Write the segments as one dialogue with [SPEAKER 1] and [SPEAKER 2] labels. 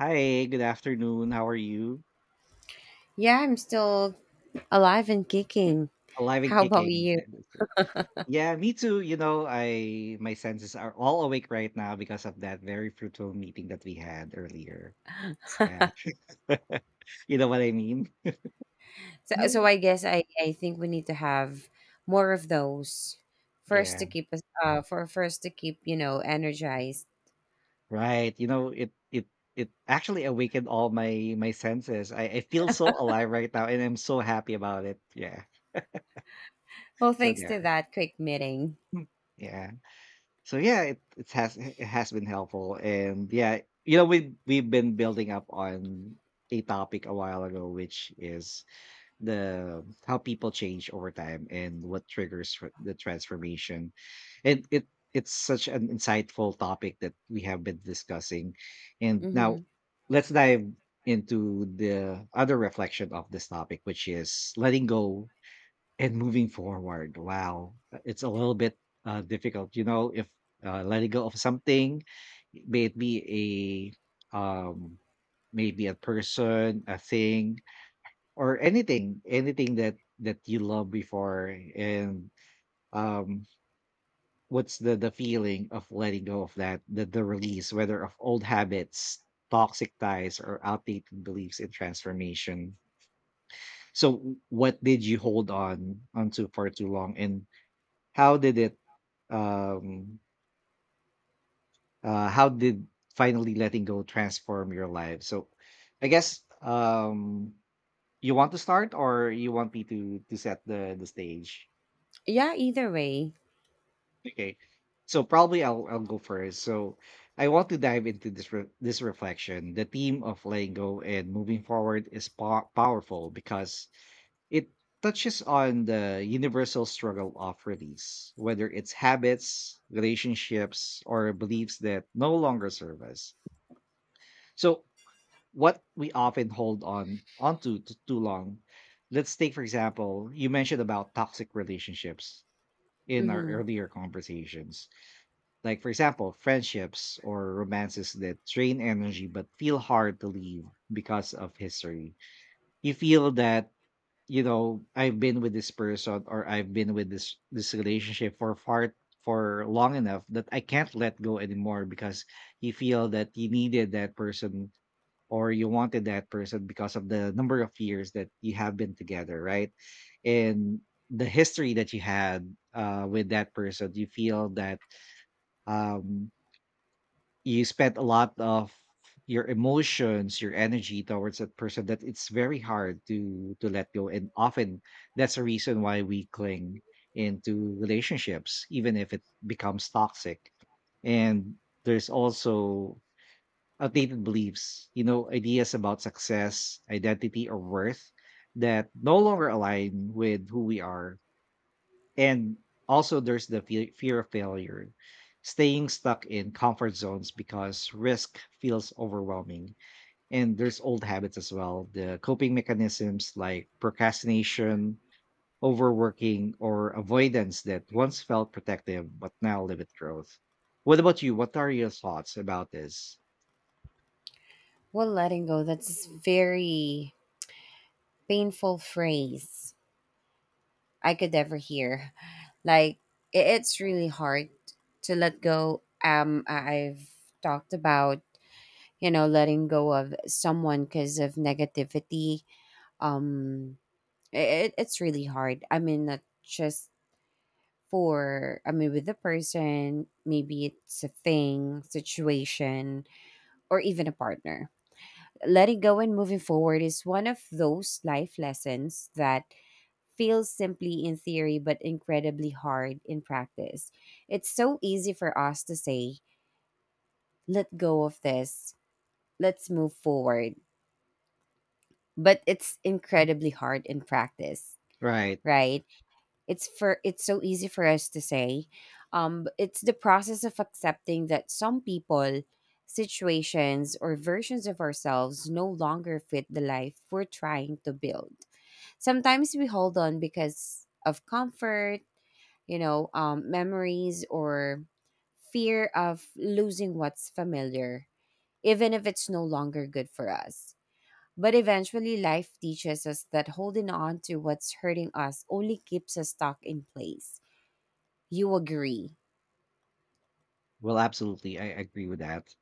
[SPEAKER 1] Hi, good afternoon. How are you?
[SPEAKER 2] Yeah, I'm still alive and kicking.
[SPEAKER 1] Alive and
[SPEAKER 2] How about
[SPEAKER 1] kicking.
[SPEAKER 2] you?
[SPEAKER 1] That is true. Yeah, me too. You know, I my senses are all awake right now because of that very fruitful meeting that we had earlier. Yeah. You know what I mean?
[SPEAKER 2] So,
[SPEAKER 1] Mm.
[SPEAKER 2] I guess I think we need to have more of those
[SPEAKER 1] Yeah,
[SPEAKER 2] first to keep energized.
[SPEAKER 1] right. You know, it actually awakened all my senses. I feel so alive right now, and I'm so happy about it. Yeah.
[SPEAKER 2] Well,
[SPEAKER 1] So
[SPEAKER 2] thanks to
[SPEAKER 1] there.
[SPEAKER 2] that quick meeting.
[SPEAKER 1] Mm. Yeah. So yeah, it has been helpful, and yeah, we've been building up on a topic a while ago, which is the how people change over time, and what triggers for the transformation, and it's such an insightful topic that we have been discussing, and now
[SPEAKER 2] Mm-hmm.
[SPEAKER 1] let's dive into the other reflection of this topic, which is letting go and moving forward. Wow, it's a little bit difficult, you know, if letting go of something, may it be a maybe a person, a thing, or anything, anything that you loved before, and um, what's the feeling of letting go of that, the release, whether of old habits, toxic ties, or outdated beliefs in transformation. So, what did you hold on onto for too long, and how did it um how did finally letting go transform your life? So I guess you want to start, or you want me to set the stage?
[SPEAKER 2] Yeah. Either way.
[SPEAKER 1] Okay. So probably I'll go first. So I want to dive into this this reflection. The theme of letting go and moving forward is powerful because it touches on the universal struggle of release, whether it's habits, relationships, or beliefs that no longer serve us. So what we often hold on onto too long. Let's take, for example, you mentioned about toxic relationships in our
[SPEAKER 2] Mm-hmm.
[SPEAKER 1] earlier conversations. Like, for example, friendships or romances that drain energy but feel hard to leave because of history. You feel that I've been with this person, or I've been with this relationship for far for long enough that I can't let go anymore, because you feel that you needed that person, or you wanted that person because of the number of years that you have been together, right? And the history that you had with that person, you feel that um, you spent a lot of your emotions, your energy, towards that person, that it's very hard to let go. And often that's a reason why we cling into relationships, even if it becomes toxic. And there's also outdated beliefs, ideas about success, identity, or worth that no longer align with who we are. And also, there's the fear of failure, staying stuck in comfort zones because risk feels overwhelming. And there's old habits as well, the coping mechanisms like procrastination, overworking, or avoidance that once felt protective but now limit growth. What about you? What are your thoughts about this?
[SPEAKER 2] Well, letting go. That's a very painful phrase I could ever hear. Like, it's really hard to let go. I've talked about letting go of someone because of negativity. um it's really hard. I mean, not just for I mean, with the person, maybe it's a thing, situation, or even a partner. Letting go and moving forward is one of those life lessons that feels simply in theory but incredibly hard in practice. It's so easy for us to say, "Let go of this, let's move forward," but it's incredibly hard in practice,
[SPEAKER 1] Right.
[SPEAKER 2] right? It's so easy for us to say, but it's the process of accepting that some people, situations, or versions of ourselves no longer fit the life we're trying to build. Sometimes we hold on because of comfort, memories, or fear of losing what's familiar, even if it's no longer good for us. But eventually, life teaches us that holding on to what's hurting us only keeps us stuck in place. You agree?
[SPEAKER 1] Well, absolutely. I agree with that.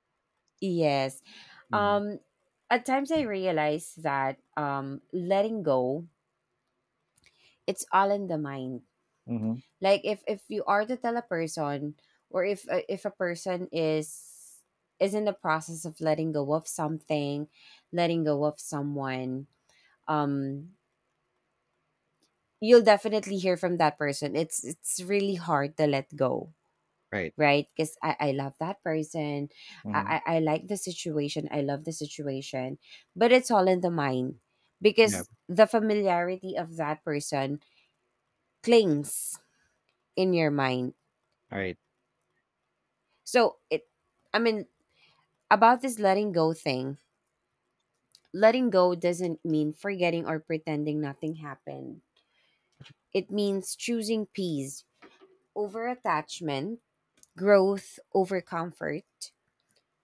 [SPEAKER 2] Yes.
[SPEAKER 1] Mhm.
[SPEAKER 2] Um, at times, I realize that, letting go, it's all in the mind.
[SPEAKER 1] Mhm.
[SPEAKER 2] Like, if you are to tell a person, or if if a person is in the process of letting go of something, letting go of someone, um, you'll definitely hear from that person. It's really hard to let go,
[SPEAKER 1] Right.
[SPEAKER 2] right? Because I love that person.
[SPEAKER 1] Mhm.
[SPEAKER 2] I like the situation. I love the situation. But it's all in the mind
[SPEAKER 1] Yeah.
[SPEAKER 2] because the familiarity of that person clings in your mind.
[SPEAKER 1] Right.
[SPEAKER 2] So, I mean, about this letting go thing, letting go doesn't mean forgetting or pretending nothing happened. It means choosing peace over attachment, growth over comfort,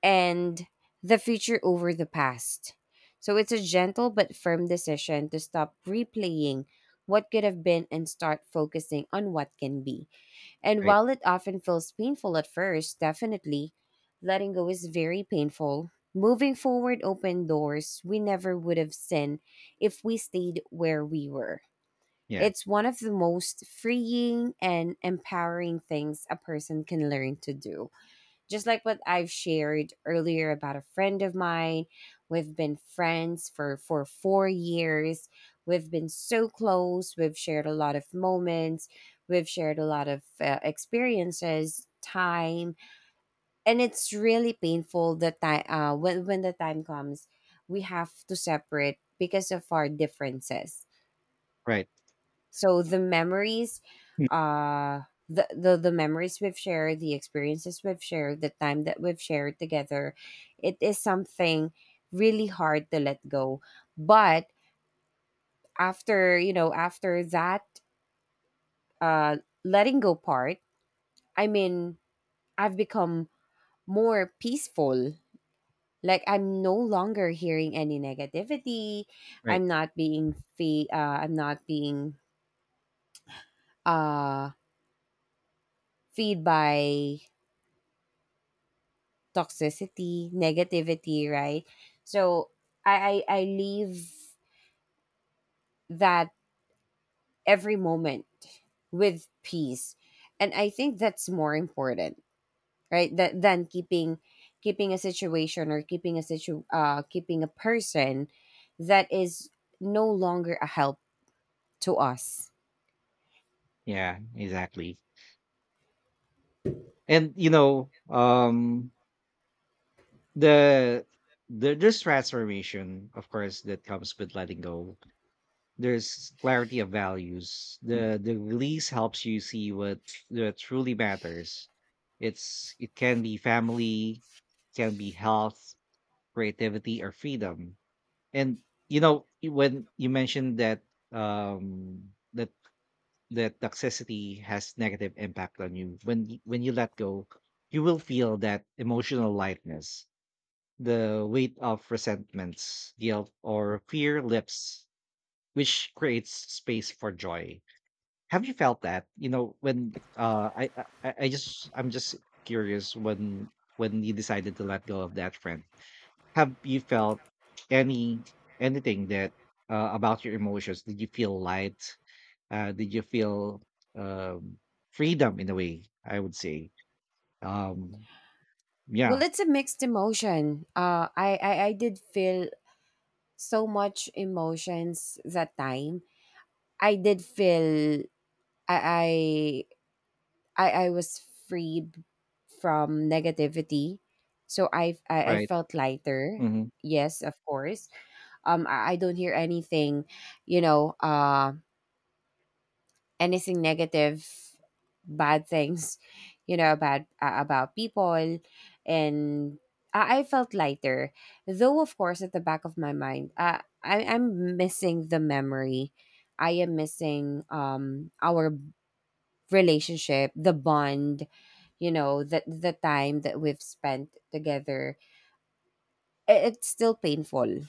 [SPEAKER 2] and the future over the past. So it's a gentle but firm decision to stop replaying what could have been and start focusing on what can be. And
[SPEAKER 1] Right.
[SPEAKER 2] while it often feels painful at first, definitely letting go is very painful. Moving forward opened doors we never would have seen if we stayed where we were.
[SPEAKER 1] Yeah.
[SPEAKER 2] It's one of the most freeing and empowering things a person can learn to do, just like what I've shared earlier about a friend of mine. We've been friends for 4 years. We've been so close. We've shared a lot of moments. We've shared a lot of experiences, time, and it's really painful that time, when the time comes, we have to separate because of our differences.
[SPEAKER 1] Right.
[SPEAKER 2] So,
[SPEAKER 1] Hmm.
[SPEAKER 2] uh, the memories we've shared, the experiences we've shared, the time that we've shared together, it is something really hard to let go. But after that uh, letting go part, I mean, I've become more peaceful. Like, I'm no longer hearing any negativity.
[SPEAKER 1] Right.
[SPEAKER 2] I'm not being uh, feed by toxicity, negativity, right? So I leave that every moment with peace. And I think that's more important, right? That, than keeping a situation, or keeping a situ keeping a person that is no longer a help to us.
[SPEAKER 1] Yeah. Exactly. And the there's transformation, of course, that comes with letting go. There's clarity of values. Mm. The release helps you see what that truly matters. It can be family, can be health, creativity, or freedom. And when you mentioned that um that toxicity has negative impact on you, when you let go, you will feel that emotional lightness. The weight of resentments, guilt, or fear lifts, which creates space for joy. Have you felt that? When I just I'm just curious when you decided to let go of that friend. Have you felt any anything that about your emotions? Did you feel light? Did you feel um, freedom in a way? I would say um,
[SPEAKER 2] Well,
[SPEAKER 1] yeah.
[SPEAKER 2] it's a mixed emotion. I did feel so much emotions that time. I did feel. I, I I was freed from negativity. So I
[SPEAKER 1] Right.
[SPEAKER 2] felt lighter.
[SPEAKER 1] Hmm.
[SPEAKER 2] Yes, of course. I don't hear anything, you know, uh anything negative, bad things, about people, and I felt lighter. Though of course at the back of my mind, I'm missing the memory. I am missing, our relationship, the bond, the time that we've spent together, it's still painful.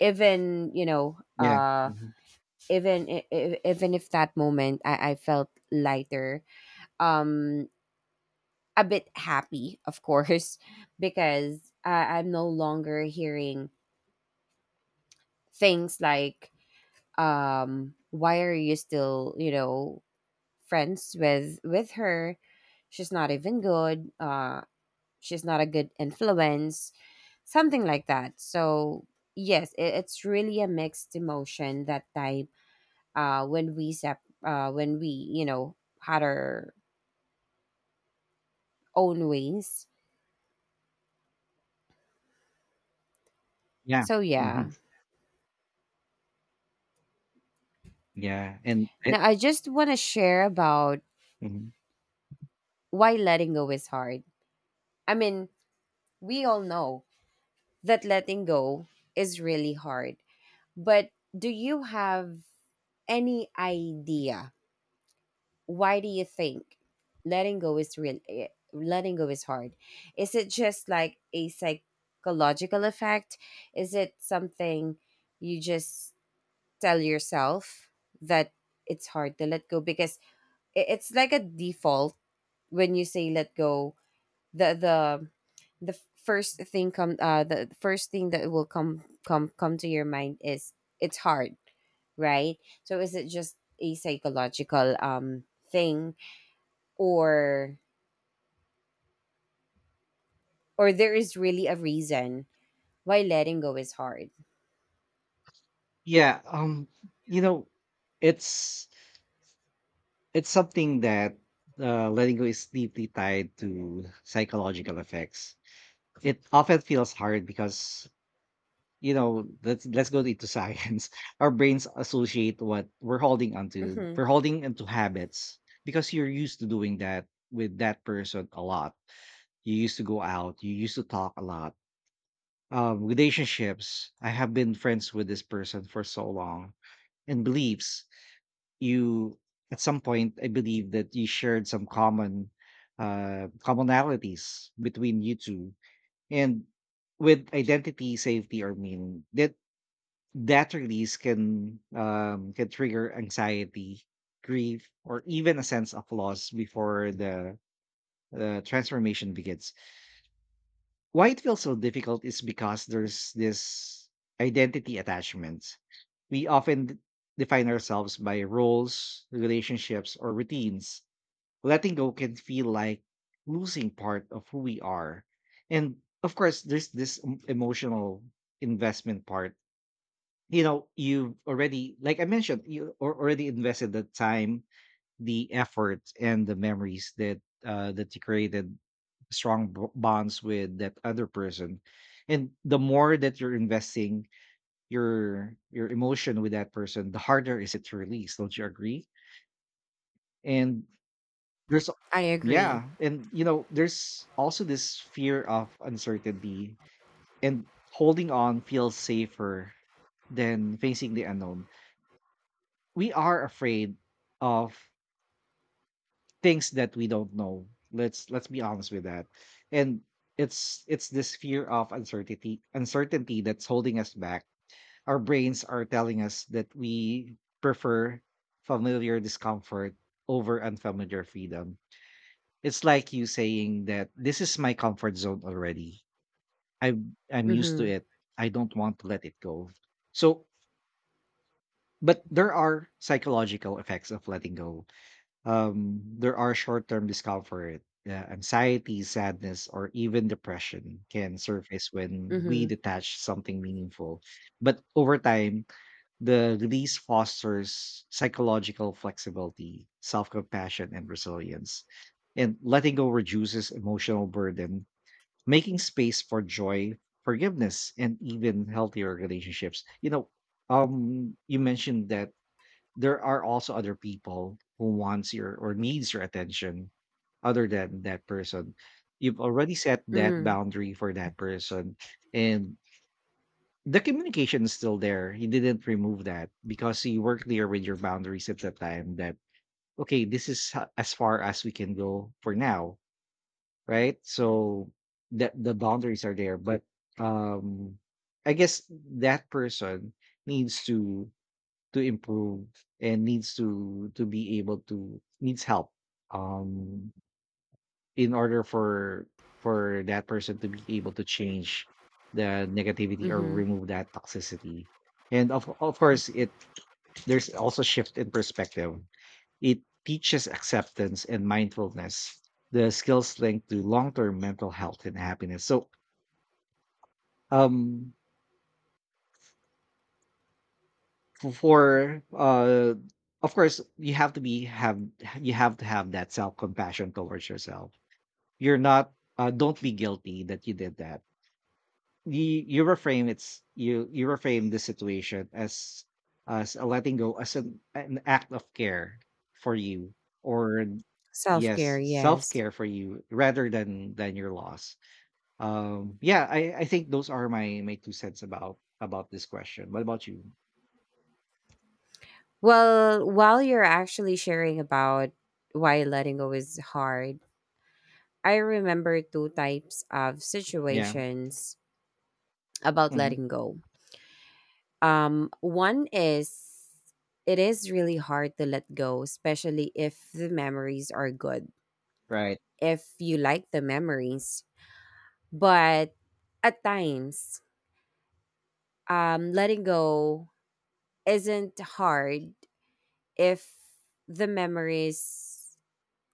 [SPEAKER 2] Even you know,
[SPEAKER 1] Yeah. Hmm.
[SPEAKER 2] even I- even if that moment I felt lighter, um, a bit happy, of course, because I'm no longer hearing things like, why are you still, friends with her? She's not even good. She's not a good influence, something like that. So yes, it's really a mixed emotion that time, when we had our own ways.
[SPEAKER 1] Yeah.
[SPEAKER 2] So,
[SPEAKER 1] Hmm.
[SPEAKER 2] yeah.
[SPEAKER 1] Yeah.
[SPEAKER 2] Now I just want to share about
[SPEAKER 1] Mhm.
[SPEAKER 2] why letting go is hard. I mean, we all know that letting go is really hard, but do you have any idea why? Do you think letting go is real eh, letting go is hard? Is it just like a psychological effect? Is it something you just tell yourself, that it's hard to let go because, it's like a default? When you say "let go," the the the first thing come the first thing that will come to your mind is, it's hard, right? So is it just a psychological, thing, or there is really a reason why letting go is hard?
[SPEAKER 1] Yeah, you know, it's something that letting go is deeply tied to psychological effects. It often feels hard because, let's go into science. Our brains associate what we're holding onto.
[SPEAKER 2] Hmm.
[SPEAKER 1] We're holding onto habits because you're used to doing that with that person a lot. You used to go out, you used to talk a lot. Relationships, I have been friends with this person for so long. And beliefs, you, at some point, I believe that you shared some commonalities between you two. And with identity, safety, or meaning, that that release can trigger anxiety, grief, or even a sense of loss before the transformation begins. Why it feels so difficult is because there's this identity attachment. We often define ourselves by roles, relationships, or routines. Letting go can feel like losing part of who we are. And of course, there's this emotional investment part. You've already, like I mentioned, already invested the time, the effort, and the memories that you created strong bonds with that other person. And the more that you're investing your emotion with that person, the harder is it to release, don't you agree? And there's
[SPEAKER 2] I agree.
[SPEAKER 1] yeah. And there's also this fear of uncertainty, and holding on feels safer than facing the unknown. We are afraid of things that we don't know. Let's be honest with that. And it's this fear of uncertainty, that's holding us back. Our brains are telling us that we prefer familiar discomfort over unfamiliar freedom. It's like you saying that this is my comfort zone already. I'm used to
[SPEAKER 2] Mm-hmm.
[SPEAKER 1] it. I don't want to let it go. So but there are psychological effects of letting go. There are short term discomfort. Yeah, anxiety, sadness, or even depression can surface when we
[SPEAKER 2] Mm-hmm.
[SPEAKER 1] detach something meaningful. But over time, the release fosters psychological flexibility, self compassion, and resilience. And letting go reduces emotional burden, making space for joy, forgiveness, and even healthier relationships. You mentioned that there are also other people who wants your or needs your attention other than that person. You've already set that
[SPEAKER 2] Mm-hmm.
[SPEAKER 1] boundary for that person, and the communication is still there. You didn't remove that because you were clear with your boundaries at the time that, okay, this is as far as we can go for now, right? So that the boundaries are there, but um I guess that person needs to improve, and needs to be able to needs help um in order for that person to be able to change the negativity, or
[SPEAKER 2] Mm-hmm.
[SPEAKER 1] remove that toxicity. And of course, it there's also shift in perspective. It teaches acceptance and mindfulness, the skills linked to long-term mental health and happiness. So um f- for of course, you have to have that self compassion towards yourself. You're not. Don't be guilty that you did that. You reframe it's you you reframe the situation as a letting go, as an act of care for you, or yes,
[SPEAKER 2] Self-care, yes.
[SPEAKER 1] self-care for you rather than your loss. Yeah, I think those are my two cents about this question. What about you?
[SPEAKER 2] Well, while you're actually sharing about why letting go is hard, I remember two types of
[SPEAKER 1] Yeah.
[SPEAKER 2] situations about
[SPEAKER 1] Hmm.
[SPEAKER 2] letting go. One is, it is really hard to let go, especially if the memories are good,
[SPEAKER 1] Right.
[SPEAKER 2] if you like the memories. But at times, letting go isn't hard if the memories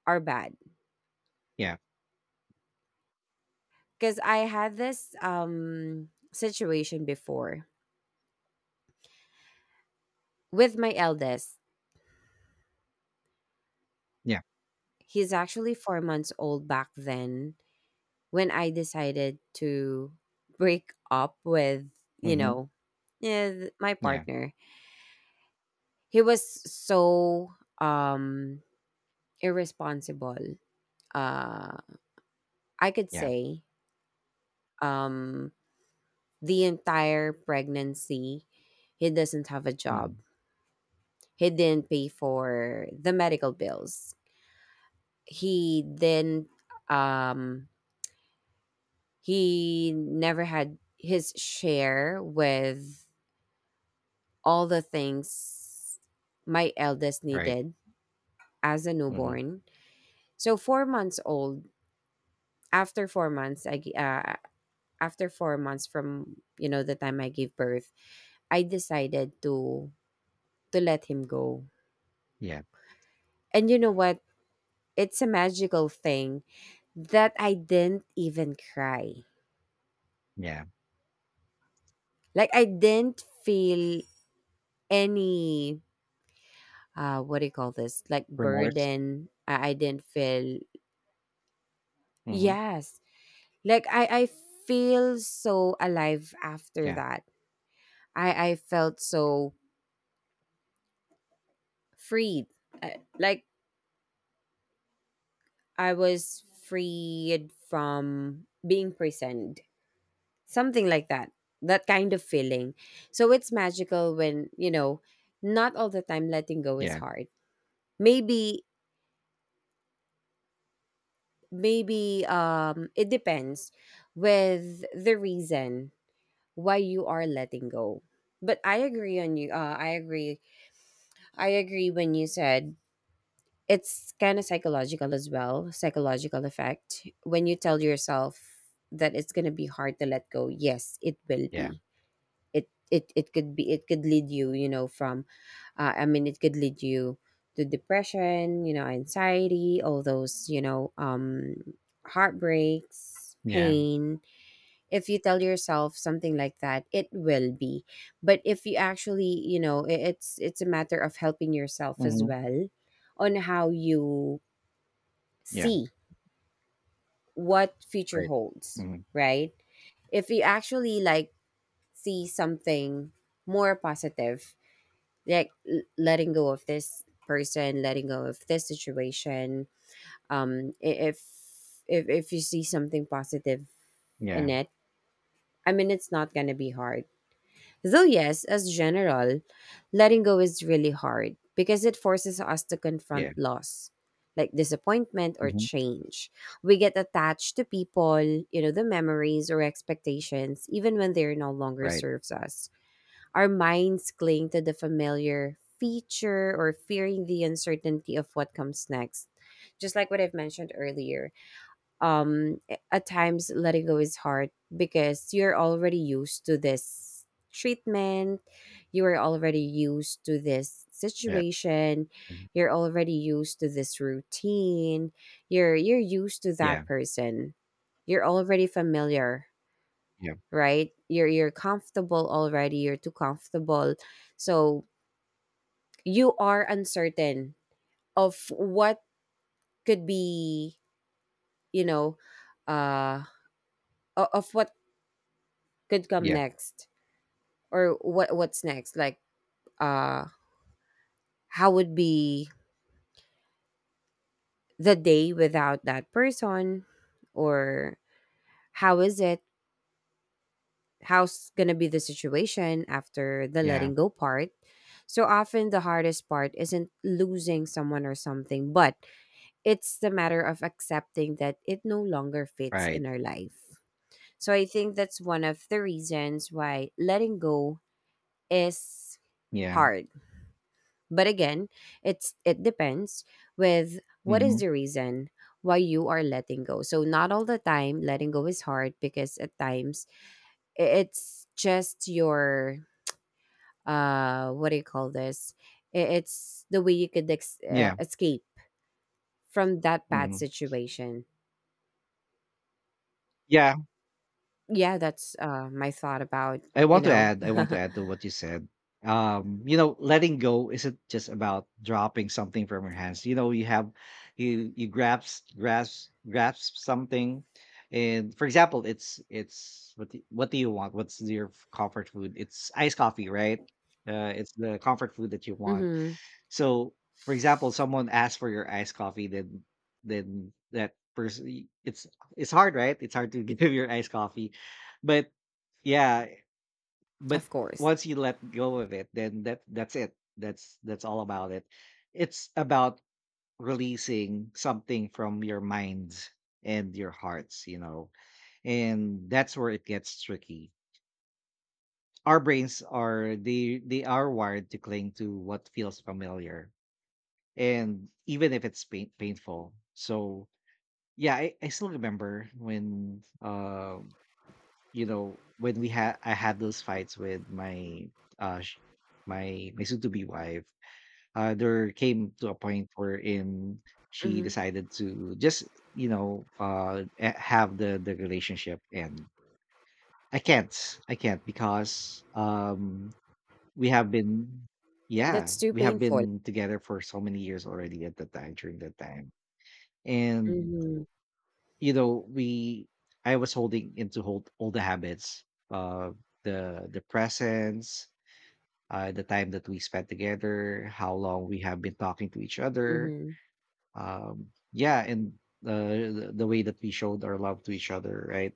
[SPEAKER 2] are bad.
[SPEAKER 1] Yeah.
[SPEAKER 2] Because I had this, situation before with my eldest.
[SPEAKER 1] Yeah.
[SPEAKER 2] He's actually 4 months old back then when I decided to break up with, you
[SPEAKER 1] Mhm.
[SPEAKER 2] know, my
[SPEAKER 1] Yeah.
[SPEAKER 2] partner. He was so, um irresponsible. Uh I could
[SPEAKER 1] Yeah.
[SPEAKER 2] say, um the entire pregnancy he doesn't have a job.
[SPEAKER 1] Mhm.
[SPEAKER 2] He didn't pay for the medical bills. He didn't um He never had his share with all the things my eldest
[SPEAKER 1] Right.
[SPEAKER 2] needed as a
[SPEAKER 1] Mhm.
[SPEAKER 2] newborn. So, 4 months old, after 4 months after 4 months from, the time I gave birth, I decided to let him go.
[SPEAKER 1] Yeah.
[SPEAKER 2] And you know what? It's a magical thing that I didn't even cry.
[SPEAKER 1] Yeah.
[SPEAKER 2] Like, I didn't feel any, what do you call this, like,
[SPEAKER 1] Remorse.
[SPEAKER 2] burden. I didn't feel.
[SPEAKER 1] Mhm.
[SPEAKER 2] Yes. Like I feel so alive after
[SPEAKER 1] Yeah.
[SPEAKER 2] that. I felt so freed. Like, I was freed from being prisoned, something like that, that kind of feeling. So it's magical when, not all the time letting go is
[SPEAKER 1] Yeah.
[SPEAKER 2] hard. Maybe maybe um it depends with the reason why you are letting go. But I agree on you. I agree. I agree when you said it's kind of psychological as well, psychological effect. When you tell yourself that it's gonna be hard to let go, yes, it will
[SPEAKER 1] Yeah.
[SPEAKER 2] be. It could be. It could lead you, from. I mean, it could lead you to depression, anxiety, all those, heartbreaks,
[SPEAKER 1] Yeah.
[SPEAKER 2] pain, if you tell yourself something like that, it will be. But if you actually, it's a matter of helping yourself as
[SPEAKER 1] Mhm.
[SPEAKER 2] well, on how you
[SPEAKER 1] Yeah.
[SPEAKER 2] see what future
[SPEAKER 1] Right.
[SPEAKER 2] holds,
[SPEAKER 1] Mhm.
[SPEAKER 2] right? If you actually, like, see something more positive, like, letting go of this person, letting go of this situation, um i- if if you see something positive in
[SPEAKER 1] Yeah.
[SPEAKER 2] it, I mean, it's not going to be hard. Though, yes, as general, letting go is really hard because it forces us to
[SPEAKER 1] Yeah.
[SPEAKER 2] confront loss, like disappointment or
[SPEAKER 1] Mhm.
[SPEAKER 2] change. We get attached to people, the memories or expectations, even when they are no longer
[SPEAKER 1] Right.
[SPEAKER 2] serves us. Our minds cling to the familiar feature or fearing the uncertainty of what comes next. Just like what I've mentioned earlier, at times letting go is hard because you're already used to this treatment, you are already used to this
[SPEAKER 1] Yeah.
[SPEAKER 2] situation,
[SPEAKER 1] Mhm.
[SPEAKER 2] you're already used to this routine, you're used to
[SPEAKER 1] Yeah.
[SPEAKER 2] that person, you're already familiar,
[SPEAKER 1] Yeah.
[SPEAKER 2] right? You're comfortable already, you're too comfortable, so you are uncertain of what could be, you know uh of what could come
[SPEAKER 1] Yeah.
[SPEAKER 2] next, or what's next. Like, uh how would be the day without that person, or how is it, how's gonna be the situation after the
[SPEAKER 1] Yeah.
[SPEAKER 2] letting go part. So often the hardest part isn't losing someone or something, but it's the matter of accepting that it no longer fits
[SPEAKER 1] Right.
[SPEAKER 2] in our life. So I think that's one of the reasons why letting go is
[SPEAKER 1] Yeah.
[SPEAKER 2] hard. But again, it depends with what is
[SPEAKER 1] Mhm.
[SPEAKER 2] the reason why you are letting go. So not all the time letting go is hard, because at times, it's just your, what do you call this? It's the way you could
[SPEAKER 1] Yeah.
[SPEAKER 2] escape from that bad
[SPEAKER 1] Mhm.
[SPEAKER 2] situation.
[SPEAKER 1] Yeah.
[SPEAKER 2] Yeah, that's my thought about,
[SPEAKER 1] I
[SPEAKER 2] you
[SPEAKER 1] want to
[SPEAKER 2] know.
[SPEAKER 1] add, I want to add to what you said. Letting go isn't just about dropping something from your hands. You have you you grasp grasp grasp something, and, for example, it's what do you want? What's your comfort food? It's iced coffee, right? It's the comfort food that you want.
[SPEAKER 2] Mhm.
[SPEAKER 1] So, for example, someone asks for your iced coffee, then that person, it's hard, right? It's hard to give your iced coffee, but, yeah, but
[SPEAKER 2] Of course.
[SPEAKER 1] once you let go of it, then that's it. That's all about it. It's about releasing something from your minds and your hearts. And that's where it gets tricky. Our brains are they are wired to cling to what feels familiar. And even if it's painful. So yeah, I still remember when when we had I had those fights with my sh- my soon to be wife. There came to a point wherein she
[SPEAKER 2] Mhm.
[SPEAKER 1] decided to just have the relationship, and I can't. I can't because we have been yeah,
[SPEAKER 2] That's too
[SPEAKER 1] we have
[SPEAKER 2] painful.
[SPEAKER 1] been together for so many years already at that time during that time. And
[SPEAKER 2] Mhm.
[SPEAKER 1] you know we I was holding into hold all the habits uh the presence, the time that we spent together, how long we have been talking to each other.
[SPEAKER 2] Mhm.
[SPEAKER 1] Yeah and The way that we showed our love to each other, right?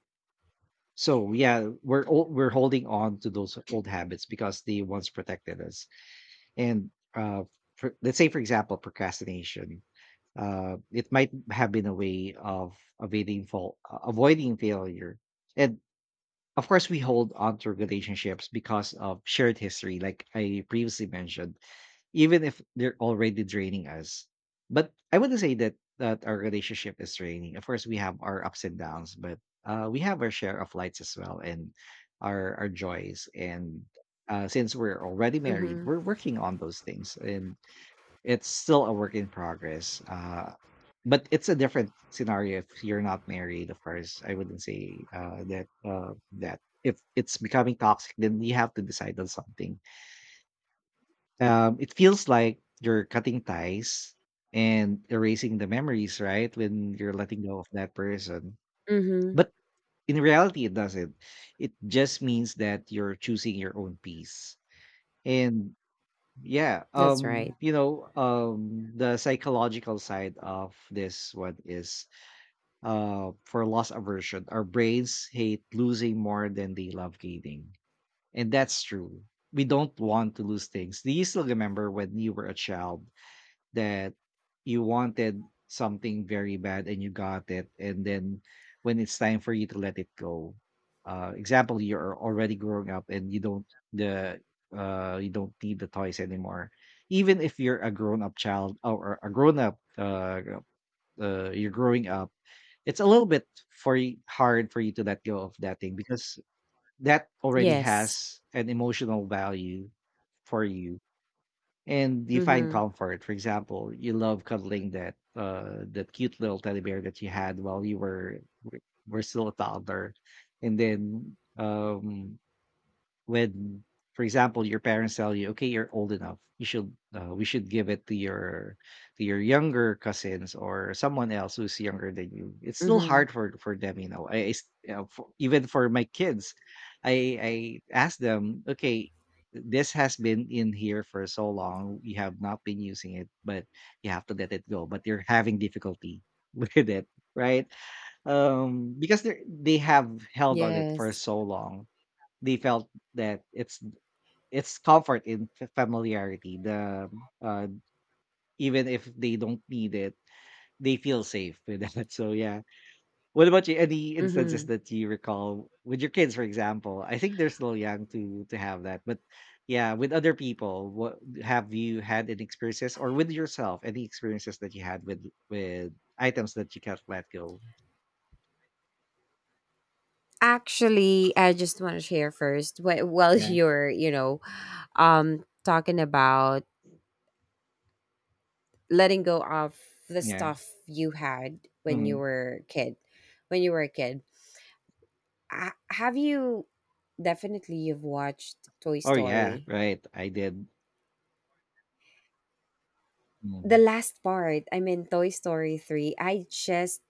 [SPEAKER 1] So yeah, we're holding on to those old habits because they once protected us. And For, let's say for example, procrastination, it might have been a way of avoiding fault, avoiding failure. And of course, we hold on to relationships because of shared history, like I previously mentioned, even if they're already draining us. But I wouldn't say that our relationship is draining. Of course, we have our ups and downs, but we have our share of lights as well, and our joys. And since we're already married,
[SPEAKER 2] Mhm.
[SPEAKER 1] we're working on those things, and it's still a work in progress, but it's a different scenario if you're not married, of course. I wouldn't say, that if it's becoming toxic, then we have to decide on something. It feels like you're cutting ties and erasing the memories, right, when you're letting go of that person?
[SPEAKER 2] Mhm.
[SPEAKER 1] But in reality, it doesn't. It just means that you're choosing your own peace. And yeah
[SPEAKER 2] That's right.
[SPEAKER 1] you know The psychological side of this one is, for loss aversion, our brains hate losing more than they love gaining. And that's true. We don't want to lose things. Do you still remember when you were a child that you wanted something very bad and you got it, and then when it's time for you to let it go? Example, you're already growing up and the you don't need the toys anymore. Even if you're a grown up child or a grown up, you're growing up, it's a little bit hard for you to let go of that thing, because that already
[SPEAKER 2] Yes.
[SPEAKER 1] has an emotional value for you, and you find
[SPEAKER 2] Mhm.
[SPEAKER 1] comfort. For example, you love cuddling that that cute little teddy bear that you had while you were still a toddler. And then, when, for example, your parents tell you, okay, you're old enough, you should, we should give it to your, to your younger cousins or someone else who's younger than you, it's still
[SPEAKER 2] Mhm.
[SPEAKER 1] hard for them. You know, I s- you know, for, even for my kids, I ask them, okay, this has been in here for so long, you have not been using it, but you have to let it go, but you're having difficulty with it, right? Because they have held on it for
[SPEAKER 2] Yes.
[SPEAKER 1] so long, they felt that it's comfort in familiarity. The uh, Even if they don't need it, they feel safe with that. So yeah. What about you? Any instances
[SPEAKER 2] Mhm.
[SPEAKER 1] that you recall with your kids, for example? I think they're still young to have that, but yeah, with other people, what have you, had any experiences, or with yourself, any experiences that you had with items that you can't let go?
[SPEAKER 2] Actually, I just want to share first, while
[SPEAKER 1] Yeah,
[SPEAKER 2] you're, talking about letting go of the
[SPEAKER 1] yeah.
[SPEAKER 2] stuff you had when you
[SPEAKER 1] Hmm.
[SPEAKER 2] were a kid. When you were a kid. Ha- have you Definitely you've watched Toy
[SPEAKER 1] Oh yeah,
[SPEAKER 2] Story?
[SPEAKER 1] right. I did. Mm-hmm.
[SPEAKER 2] The last part, I mean Toy Story 3. I just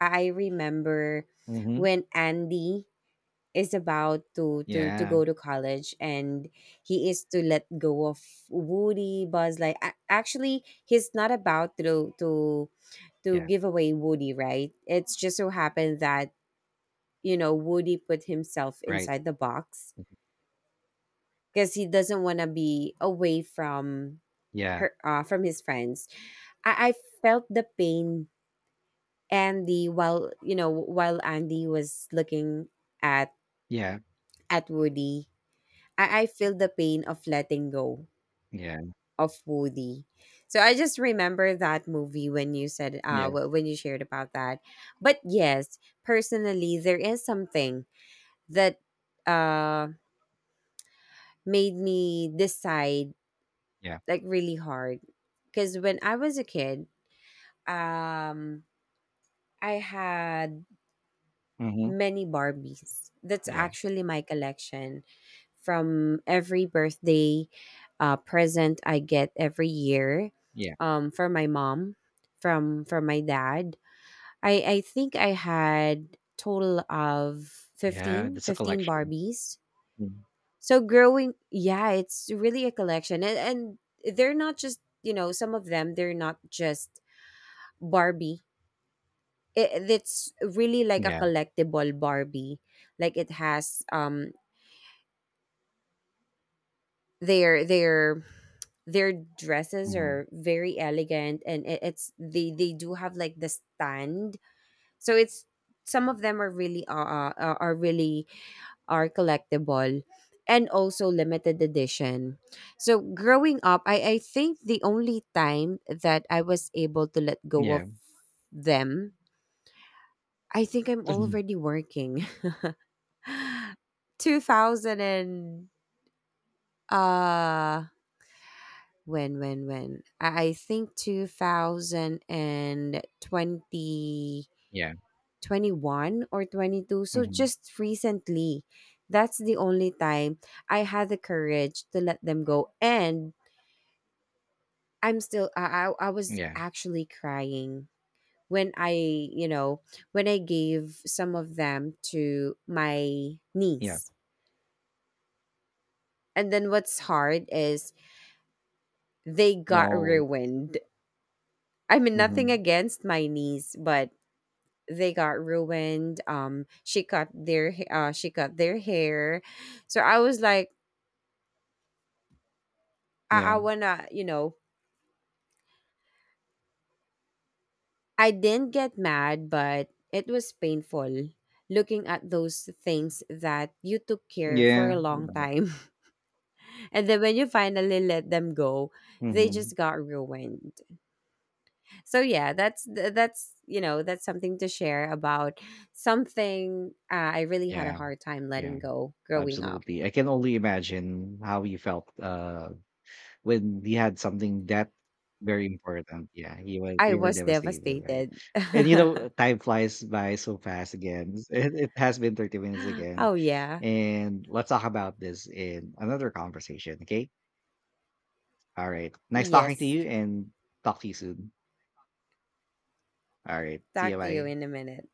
[SPEAKER 2] I remember
[SPEAKER 1] Mm-hmm.
[SPEAKER 2] when Andy is about to
[SPEAKER 1] Yeah,
[SPEAKER 2] go to college, and he is to let go of Woody, Buzz. Like, actually he's not about to
[SPEAKER 1] yeah.
[SPEAKER 2] give away Woody, right? It's just so happened that, Woody put himself
[SPEAKER 1] Right.
[SPEAKER 2] inside the box because he doesn't want to be away from
[SPEAKER 1] Yeah,
[SPEAKER 2] her, from his friends. I felt the pain, Andy, while, while Andy was looking at
[SPEAKER 1] yeah,
[SPEAKER 2] Woody. I feel the pain of letting go
[SPEAKER 1] yeah,
[SPEAKER 2] of Woody. So I just remember that movie when you said,
[SPEAKER 1] yeah,
[SPEAKER 2] when you shared about that. But yes, personally there is something that uh made me decide,
[SPEAKER 1] yeah,
[SPEAKER 2] like, really hard, cuz when I was a kid, um I had
[SPEAKER 1] mhm,
[SPEAKER 2] many Barbies. That's
[SPEAKER 1] yeah,
[SPEAKER 2] actually my collection from every birthday, present I get every year,
[SPEAKER 1] yeah,
[SPEAKER 2] for my mom, from my dad. I think I had total of
[SPEAKER 1] yeah, That's a
[SPEAKER 2] 15
[SPEAKER 1] collection.
[SPEAKER 2] Barbies.
[SPEAKER 1] Mm,
[SPEAKER 2] So growing, yeah, it's really a collection. And they're not just, some of them, they're not just Barbie, it's really like a
[SPEAKER 1] yeah,
[SPEAKER 2] collectible Barbie. Like, it has, their their their dresses
[SPEAKER 1] mhm,
[SPEAKER 2] are very elegant, and it, it's they do have, like, the stand. So, it's some of them are really, are really, are collectible, and also limited edition. So growing up, I think the only time that I was able to let go of
[SPEAKER 1] yeah,
[SPEAKER 2] them, I think I'm already working. 2000 and, uh when when I think 2020
[SPEAKER 1] yeah,
[SPEAKER 2] 21 or 22, so
[SPEAKER 1] mhm,
[SPEAKER 2] just recently, that's the only time I had the courage to let them go, and I'm still, I was
[SPEAKER 1] yeah,
[SPEAKER 2] actually crying when I, when I gave some of them to my
[SPEAKER 1] yeah,
[SPEAKER 2] niece, and then what's hard is, they got
[SPEAKER 1] no,
[SPEAKER 2] ruined. I mean, nothing
[SPEAKER 1] mhm,
[SPEAKER 2] against my niece, but they got ruined. She cut their hair, so I was like,
[SPEAKER 1] yeah,
[SPEAKER 2] I wanna, you know, I didn't get mad, but it was painful looking at those things that you took care for
[SPEAKER 1] yeah,
[SPEAKER 2] a
[SPEAKER 1] you
[SPEAKER 2] long
[SPEAKER 1] know,
[SPEAKER 2] time, and then when you finally let them go, they
[SPEAKER 1] mhm,
[SPEAKER 2] just got ruined. So yeah, that's, you know, that's something to share about, something, I really had a
[SPEAKER 1] yeah,
[SPEAKER 2] hard time letting
[SPEAKER 1] yeah,
[SPEAKER 2] go growing up.
[SPEAKER 1] absolutely. I can only imagine how you felt, when he had something that very important. Yeah, he was
[SPEAKER 2] I
[SPEAKER 1] we were
[SPEAKER 2] was
[SPEAKER 1] devastated, right?
[SPEAKER 2] devastated.
[SPEAKER 1] And you know, time flies by so fast again. It has been 30 minutes again.
[SPEAKER 2] Oh yeah,
[SPEAKER 1] And let's talk about this in another conversation, okay? All right. Nice talking to
[SPEAKER 2] yes.
[SPEAKER 1] you, and talk to you soon. All right. See you.
[SPEAKER 2] Talk to you
[SPEAKER 1] Bye.
[SPEAKER 2] in a minute.